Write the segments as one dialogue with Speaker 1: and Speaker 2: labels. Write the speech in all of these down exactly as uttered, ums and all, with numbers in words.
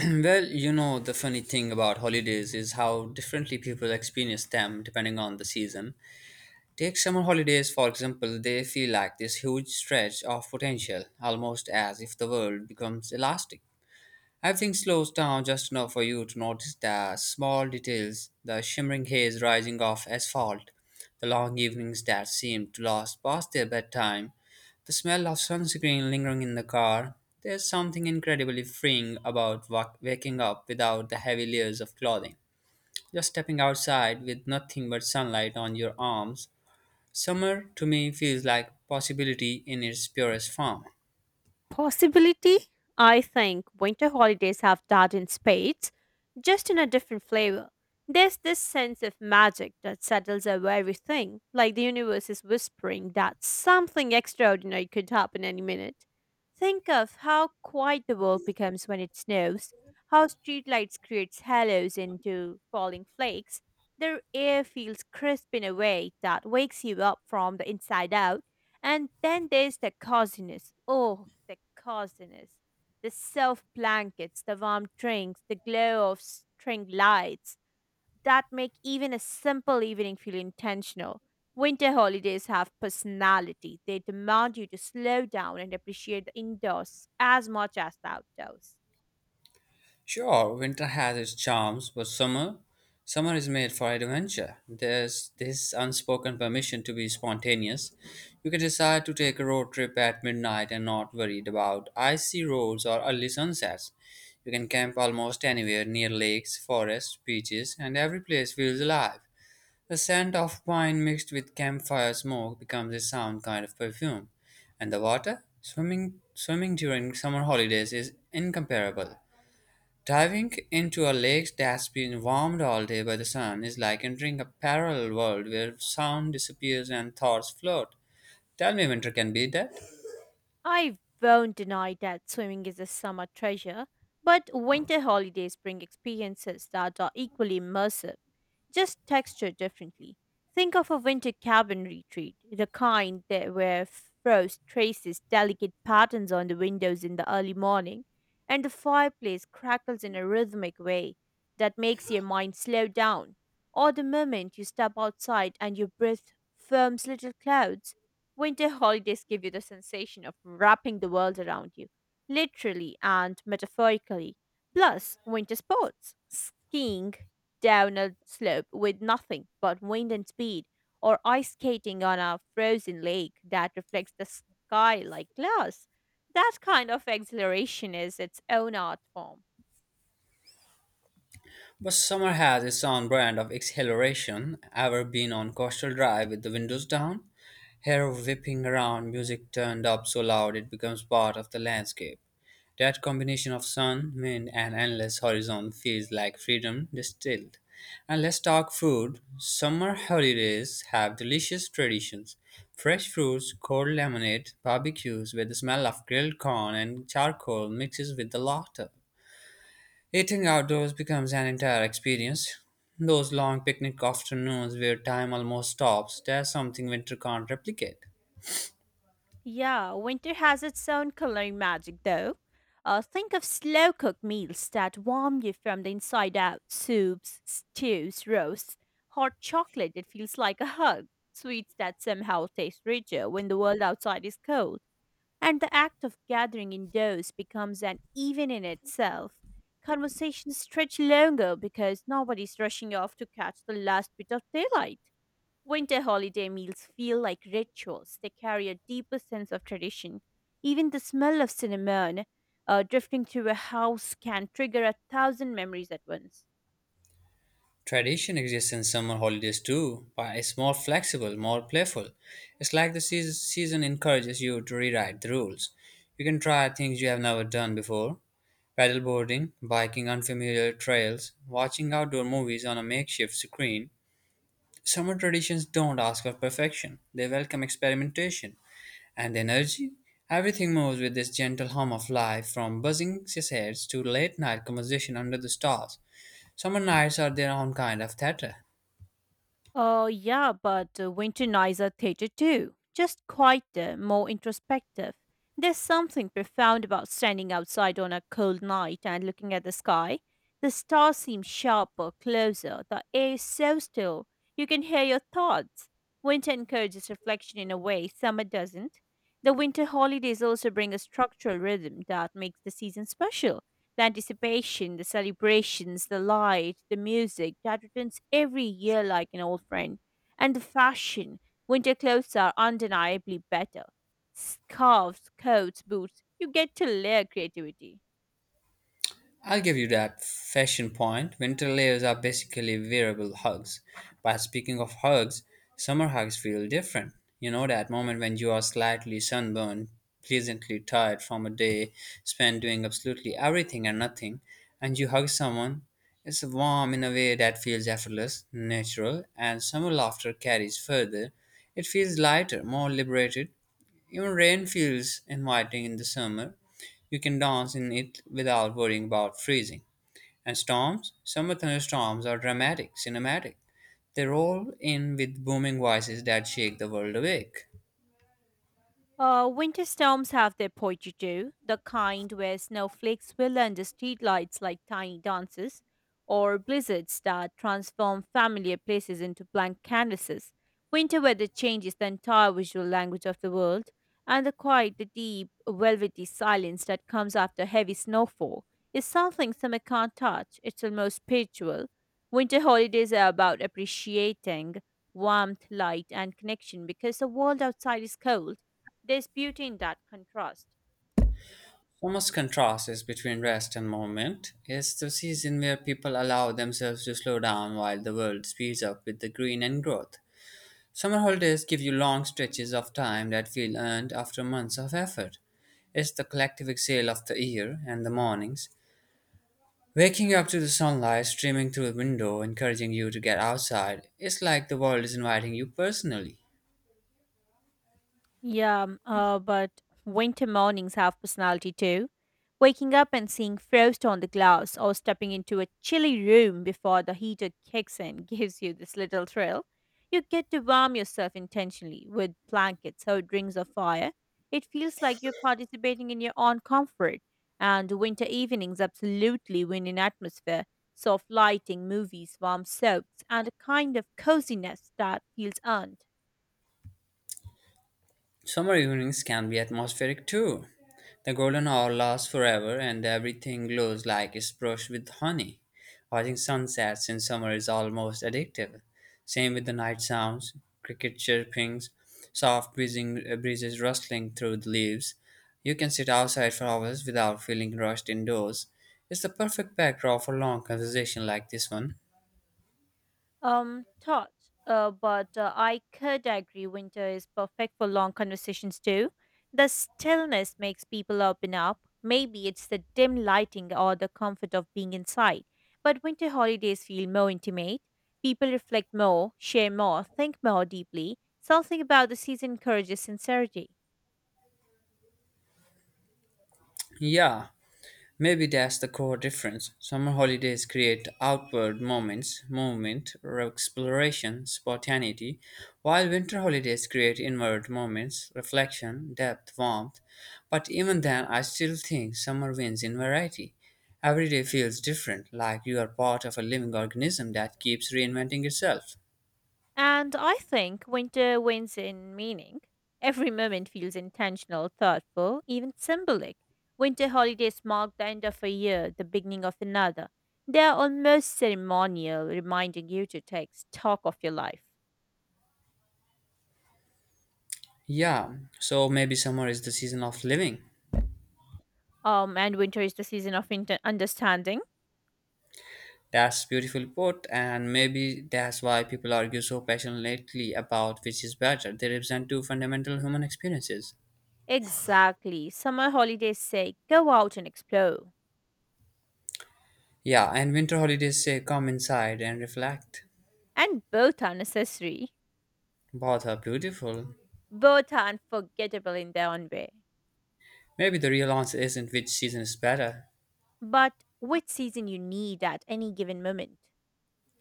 Speaker 1: Well, you know, the funny thing about holidays is how differently people experience them depending on the season. Take summer holidays, for example, they feel like this huge stretch of potential, almost as if the world becomes elastic. Everything slows down just enough for you to notice the small details the shimmering haze rising off asphalt, the long evenings that seem to last past their bedtime, the smell of sunscreen lingering in the car. There's something incredibly freeing about wa- waking up without the heavy layers of clothing, just stepping outside with nothing but sunlight on your arms. Summer to me feels like possibility in its purest form.
Speaker 2: Possibility? I think winter holidays have that in spades, just in a different flavor. There's this sense of magic that settles over everything, like the universe is whispering that something extraordinary could happen any minute. Think of how quiet the world becomes when it snows, how streetlights creates halos into falling flakes. The air feels crisp in a way that wakes you up from the inside out, and then there's the coziness. Oh, the coziness. The self blankets, the warm drinks, the glow of string lights that make even a simple evening feel intentional. Winter holidays have personality. They demand you to slow down and appreciate the indoors as much as the outdoors.
Speaker 1: Sure, winter has its charms, but summer, summer is made for adventure. There's this unspoken permission to be spontaneous. You can decide to take a road trip at midnight and not worried about icy roads or early sunsets. You can camp almost anywhere near lakes, forests, beaches, and every place feels alive. The scent of pine mixed with campfire smoke becomes a sound kind of perfume. And the water? Swimming swimming during summer holidays is incomparable. Diving into a lake that's been warmed all day by the sun is like entering a parallel world where sound disappears and thoughts float. Tell me winter can beat that.
Speaker 2: I won't deny that swimming is a summer treasure, but winter holidays bring experiences that are equally immersive, just textured differently. Think of a winter cabin retreat, the kind that where frost traces delicate patterns on the windows in the early morning, and the fireplace crackles in a rhythmic way that makes your mind slow down. Or the moment you step outside and your breath firms little clouds. Winter holidays give you the sensation of wrapping the world around you, literally and metaphorically. Plus, winter sports, skiing down a slope with nothing but wind and speed, or ice skating on a frozen lake that reflects the sky like glass. That kind of exhilaration is its own art form.
Speaker 1: But summer has its own brand of exhilaration. Ever been on coastal drive with the windows down? Hair whipping around, music turned up so loud it becomes part of the landscape. That combination of sun, wind, and endless horizon feels like freedom distilled. And let's talk food. Summer holidays have delicious traditions. Fresh fruits, cold lemonade, barbecues with the smell of grilled corn and charcoal mixes with the laughter. Eating outdoors becomes an entire experience. Those long picnic afternoons where time almost stops, there's something winter can't replicate.
Speaker 2: Yeah, winter has its own coloring magic, though. Uh, think of slow cooked meals that warm you from the inside out, soups, stews, roasts, hot chocolate that feels like a hug, sweets that somehow taste richer when the world outside is cold. And the act of gathering indoors becomes an event in itself. Conversations stretch longer because nobody's rushing off to catch the last bit of daylight. Winter holiday meals feel like rituals. They carry a deeper sense of tradition. Even the smell of cinnamon uh, drifting through a house can trigger a thousand memories at once.
Speaker 1: Tradition exists in summer holidays too, but it's more flexible, more playful. It's like the seas- season encourages you to rewrite the rules. You can try things you have never done before paddleboarding, biking unfamiliar trails, watching outdoor movies on a makeshift screen. Summer traditions don't ask for perfection, they welcome experimentation and energy. Everything moves with this gentle hum of life from buzzing cicadas to late night conversation under the stars. Summer nights are their own kind of theater.
Speaker 2: Oh, yeah, but uh, winter nights are theater too. Just quieter, more introspective. There's something profound about standing outside on a cold night and looking at the sky. The stars seem sharper, closer. The air is so still. You can hear your thoughts. Winter encourages reflection in a way summer doesn't. The winter holidays also bring a structural rhythm that makes the season special, the anticipation, the celebrations, the light, the music that returns every year like an old friend. And the fashion. Winter clothes are undeniably better. Scarves, coats, boots. You get to layer creativity.
Speaker 1: I'll give you that fashion point. Winter layers are basically wearable hugs. But speaking of hugs, summer hugs feel different. You know, that moment when you are slightly sunburned, pleasantly tired from a day spent doing absolutely everything and nothing, and you hug someone. It's warm in a way that feels effortless, natural, and summer laughter carries further. It feels lighter, more liberated, even rain feels inviting in the summer. You can dance in it without worrying about freezing. And storms? Summer thunderstorms are dramatic, cinematic. They roll in with booming voices that shake the world awake.
Speaker 2: Uh, winter storms have their poetry too, the kind where snowflakes will under streetlights like tiny dances, or blizzards that transform familiar places into blank canvases. Winter weather changes the entire visual language of the world, and the quiet, the deep, velvety silence that comes after heavy snowfall is something summer can't touch. It's almost spiritual. Winter holidays are about appreciating warmth, light, and connection because the world outside is cold, there's beauty in that contrast.
Speaker 1: Summer's contrast is between rest and movement. It's the season where people allow themselves to slow down while the world speeds up with the green and growth. Summer holidays give you long stretches of time that feel earned after months of effort. It's the collective exhale of the year and the mornings waking up to the sunlight streaming through the window, encouraging you to get outside, it's like the world is inviting you personally.
Speaker 2: Yeah, m- uh, but winter mornings have personality too. Waking up and seeing frost on the glass or stepping into a chilly room before the heater kicks in gives you this little thrill. You get to warm yourself intentionally with blankets or rings of fire. It feels like you're participating in your own comfort. And winter evenings absolutely win in atmosphere, soft lighting, movies, warm soaks, and a kind of coziness that feels earned.
Speaker 1: Summer evenings can be atmospheric too. The golden hour lasts forever, and everything glows like it's brushed with honey. Watching sunsets in summer is almost addictive. Same with the night sounds, cricket chirpings, soft breezing, uh, breezes rustling through the leaves. You can sit outside for hours without feeling rushed indoors. It's the perfect backdrop for long conversation like this one.
Speaker 2: Um thought. Uh, but uh, I could agree winter is perfect for long conversations too. The stillness makes people open up. Maybe it's the dim lighting or the comfort of being inside, but winter holidays feel more intimate. People reflect more, share more, think more deeply. Something about the season encourages sincerity.
Speaker 1: Yeah, maybe that's the core difference. Summer holidays create outward moments, movement, or exploration, spontaneity, while winter holidays create inward moments, reflection, depth, warmth. But even then, I still think summer wins in variety. Every day feels different, like you are part of a living organism that keeps reinventing itself.
Speaker 2: And I think winter wins in meaning. Every moment feels intentional, thoughtful, even symbolic. Winter holidays mark the end of a year, the beginning of another. They are almost ceremonial, reminding you to take stock of your life.
Speaker 1: Yeah, so maybe summer is the season of living.
Speaker 2: Um, and winter is the season of inter- understanding.
Speaker 1: That's beautiful put, and maybe that's why people argue so passionately about which is better. They represent two fundamental human experiences.
Speaker 2: Exactly. Summer holidays say go out and explore.
Speaker 1: Yeah, and winter holidays say come inside and reflect.
Speaker 2: And both are necessary.
Speaker 1: Both are beautiful.
Speaker 2: Both are unforgettable in their own way.
Speaker 1: Maybe the real answer isn't which season is better.
Speaker 2: But which season you need at any given moment?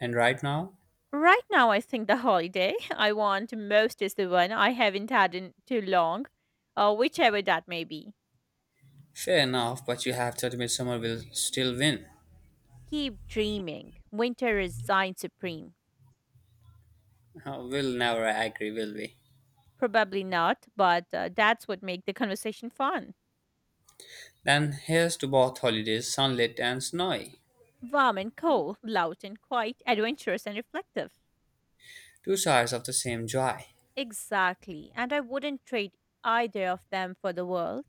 Speaker 1: And right now?
Speaker 2: Right now, I think the holiday I want most is the one I haven't had in too long, uh, whichever that may be.
Speaker 1: Fair enough, but you have to admit summer will still win.
Speaker 2: Keep dreaming. Winter reigns supreme.
Speaker 1: Uh, We'll never agree, will we?
Speaker 2: Probably not, but uh, that's what makes the conversation fun.
Speaker 1: Then here's to both holidays, sunlit and snowy.
Speaker 2: Warm and cold, loud and quiet, adventurous and reflective.
Speaker 1: Two sides of the same joy.
Speaker 2: Exactly, and I wouldn't trade either of them for the world.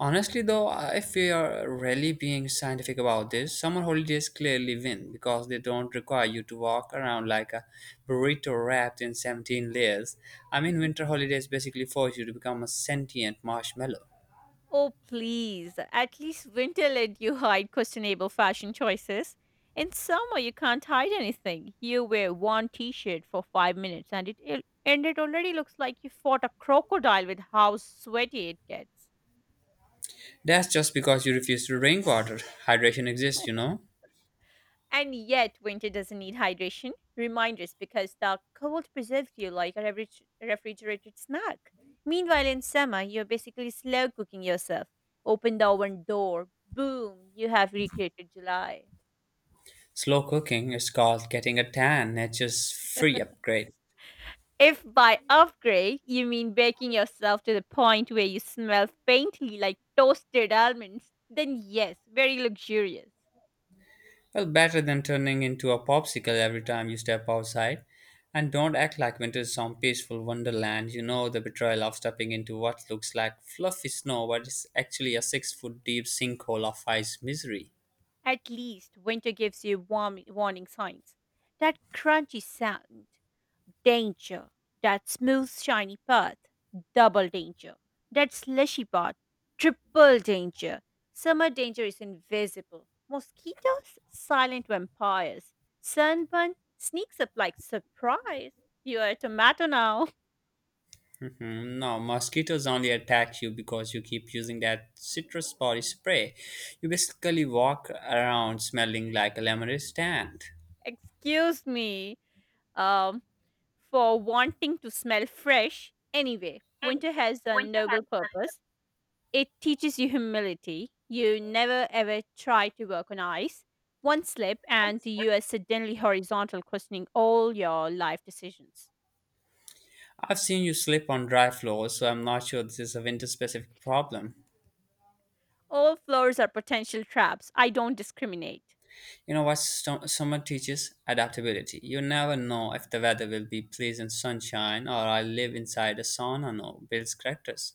Speaker 1: Honestly, though, if we are really being scientific about this, summer holidays clearly win because they don't require you to walk around like a burrito wrapped in seventeen layers. I mean, winter holidays basically force you to become a sentient marshmallow.
Speaker 2: Oh, please. At least winter let you hide questionable fashion choices. In summer, you can't hide anything. You wear one t shirt for five minutes and it, it and it already looks like you fought a crocodile with how sweaty it gets.
Speaker 1: That's just because you refuse to drink water. Hydration exists, you know?
Speaker 2: And yet, winter doesn't need hydration reminders because the cold preserves you like a refri- refrigerated snack. Meanwhile, in summer, you're basically slow cooking yourself. Open the oven door, boom, you have recreated July.
Speaker 1: Slow cooking is called getting a tan, nature's free upgrade.
Speaker 2: If by upgrade you mean baking yourself to the point where you smell faintly like toasted almonds, then yes, very luxurious.
Speaker 1: Well, better than turning into a popsicle every time you step outside. And don't act like winter is some peaceful wonderland. You know the betrayal of stepping into what looks like fluffy snow, but it's actually a six foot deep sinkhole of ice misery.
Speaker 2: At least winter gives you warm warning signs. That crunchy sound. Danger. That smooth, shiny path. Double danger. That slushy path. Triple danger. Summer danger is invisible. Mosquitoes, silent vampires. Sunburn sneaks up like surprise. You are a tomato now.
Speaker 1: Mhm. No, mosquitoes only attack you because you keep using that citrus body spray. You basically walk around smelling like a lemonade stand.
Speaker 2: Excuse me. Um, for wanting to smell fresh. Anyway, winter has a noble purpose. It teaches you humility. You never ever try to work on ice. One slip, and you are suddenly horizontal, questioning all your life decisions.
Speaker 1: I've seen you slip on dry floors, so I'm not sure this is a winter specific problem.
Speaker 2: All floors are potential traps. I don't discriminate.
Speaker 1: You know what sto- summer teaches? Adaptability. You never know if the weather will be pleasant sunshine or I live inside a sauna no builds characters.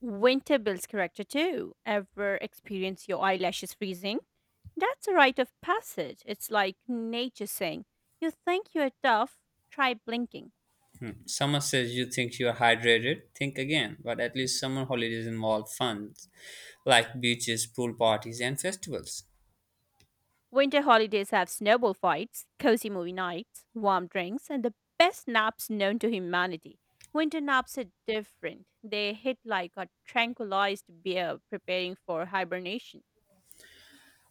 Speaker 2: Winter builds character too. Ever experience your eyelashes freezing? That's a rite of passage. It's like nature saying, you think you're tough? Try blinking.
Speaker 1: Summer says you think you are hydrated, think again. But at least summer holidays involve fun, like beaches, pool parties, and festivals.
Speaker 2: Winter holidays have snowball fights, cozy movie nights, warm drinks, and the best naps known to humanity. Winter naps are different. They hit like a tranquilized bear preparing for hibernation.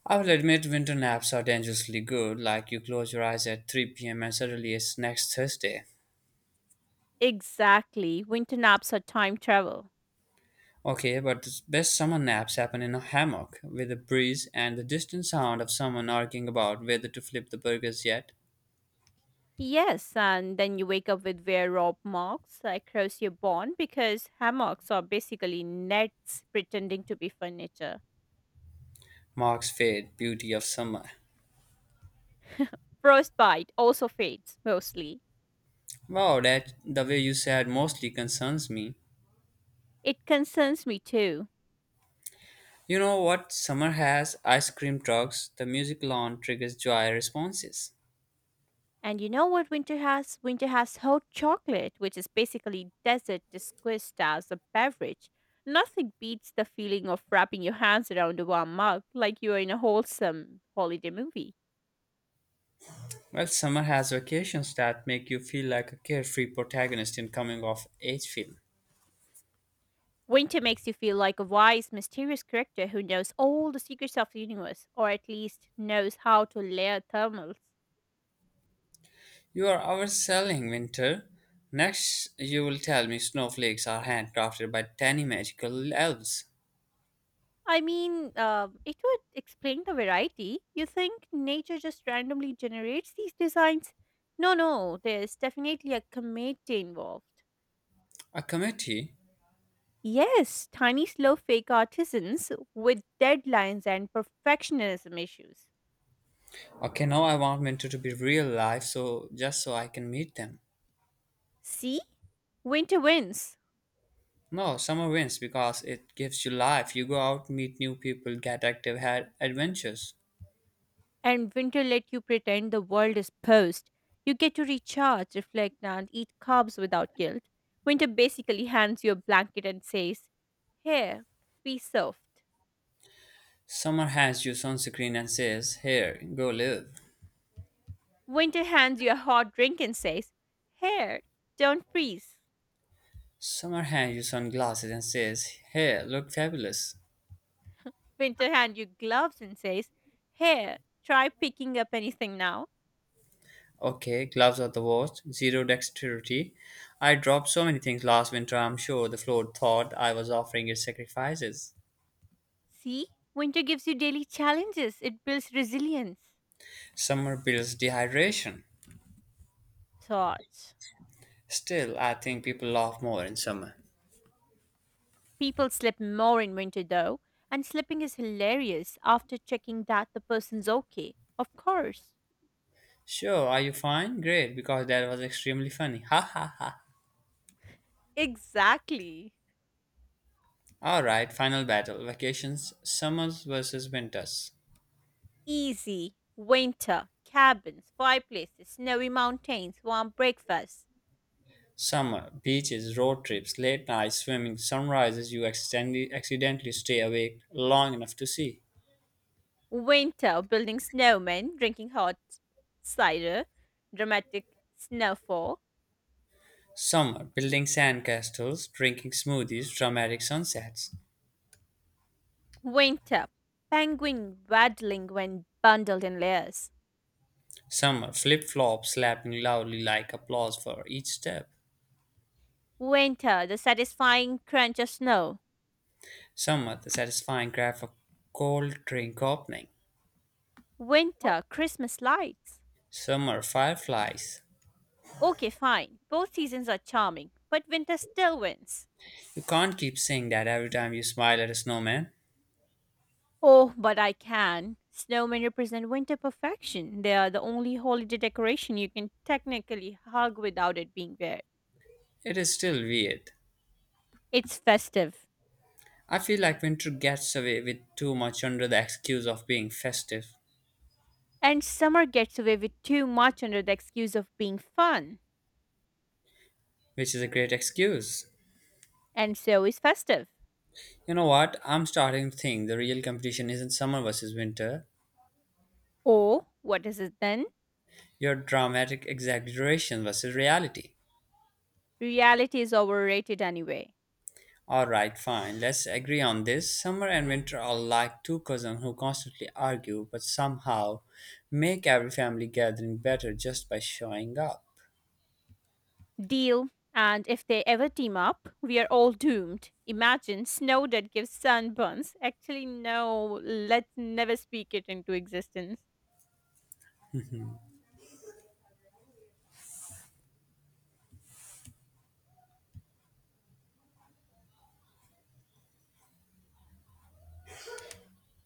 Speaker 1: I will admit winter naps are dangerously good, like you close your eyes at three p m and suddenly it's next Thursday.
Speaker 2: Exactly. Winter naps are time travel.
Speaker 1: Okay, but the best summer naps happen in a hammock with a breeze and the distant sound of someone arguing about whether to flip the burgers yet
Speaker 2: Yes, and then you wake up with wear rope marks across your bone because hammocks are basically nets pretending to be furniture.
Speaker 1: marks fade beauty of summer.
Speaker 2: Frostbite also fades, mostly.
Speaker 1: Wow, that the way you said mostly concerns me.
Speaker 2: It concerns me too.
Speaker 1: You know what summer has? Ice cream trucks, the music lawn triggers joy responses.
Speaker 2: And you know what winter has? Winter has hot chocolate, which is basically desert disguised as a beverage. Nothing beats the feeling of wrapping your hands around a warm mug like you are in a wholesome holiday movie.
Speaker 1: Well, summer has vacations that make you feel like a carefree protagonist in coming of age film.
Speaker 2: Winter makes you feel like a wise, mysterious character who knows all the secrets of the universe, or at least knows how to layer thermals.
Speaker 1: You are overselling winter. Next, you will tell me snowflakes are handcrafted by tiny magical elves.
Speaker 2: I mean, uh, it would explain the variety. You think nature just randomly generates these designs? No, no, there's definitely a committee involved.
Speaker 1: A committee?
Speaker 2: Yes, tiny, slow, fake artisans with deadlines and perfectionism issues.
Speaker 1: Okay, now I want winter to be real life, so just so I can meet them.
Speaker 2: See? Winter wins.
Speaker 1: No, summer wins because it gives you life. You go out, meet new people, get active, have adventures.
Speaker 2: And winter let you pretend the world is posed. You get to recharge, reflect, and eat carbs without guilt. Winter basically hands you a blanket and says, here, be soft.
Speaker 1: Summer hands you sunscreen and says, Here, go live.
Speaker 2: Winter hands you a hot drink and says, here, don't freeze.
Speaker 1: Summer hands you sunglasses and says, Here, look fabulous.
Speaker 2: Winter hands you gloves and says, here, try picking up anything now.
Speaker 1: Okay, gloves are the worst. Zero dexterity. I dropped so many things last winter, I'm sure the floor thought I was offering it sacrifices.
Speaker 2: See? Winter gives you daily challenges. It builds resilience.
Speaker 1: Summer builds dehydration.
Speaker 2: Thoughts.
Speaker 1: Still, I think people laugh more in summer.
Speaker 2: People slip more in winter though, and slipping is hilarious after checking that the person's okay. Of course.
Speaker 1: Sure, are you fine? Great, because that was extremely funny. Ha ha ha.
Speaker 2: Exactly.
Speaker 1: Alright, final battle. Vacations, summers versus winters.
Speaker 2: Easy. Winter. Cabins, fireplaces, snowy mountains, warm breakfasts.
Speaker 1: Summer, beaches, road trips, late nights, swimming, sunrises you accidentally, accidentally stay awake long enough to see.
Speaker 2: Winter, building snowmen, drinking hot cider, dramatic snowfall.
Speaker 1: Some are building sandcastles, drinking smoothies, dramatic sunsets.
Speaker 2: Winter, penguin waddling when bundled in layers.
Speaker 1: Some are flip flops, slapping loudly like applause for each step.
Speaker 2: Winter, the satisfying crunch of snow.
Speaker 1: Some are the satisfying craft of cold drink opening.
Speaker 2: Winter, Christmas lights.
Speaker 1: Some are fireflies.
Speaker 2: Okay, fine. Both seasons are charming, but winter still wins.
Speaker 1: You can't keep saying that every time you smile at a snowman.
Speaker 2: Oh, but I can. Snowmen represent winter perfection. They are the only holiday decoration you can technically hug without it being weird.
Speaker 1: It is still weird.
Speaker 2: It's festive.
Speaker 1: I feel like winter gets away with too much under the excuse of being festive,
Speaker 2: And summer gets away with too much under the excuse of being fun,
Speaker 1: which is a great excuse.
Speaker 2: and so is festive.
Speaker 1: You know what? I'm starting to think the real competition isn't summer versus winter,
Speaker 2: Or, what is it then?
Speaker 1: your dramatic exaggeration versus reality.
Speaker 2: Reality is overrated anyway.
Speaker 1: Alright, fine, let's agree on this. Summer and winter are like two cousins who constantly argue but somehow make every family gathering better just by showing up.
Speaker 2: Deal, and if they ever team up, we are all doomed. Imagine snow that gives sunburns. Actually, no, let's never speak it into existence.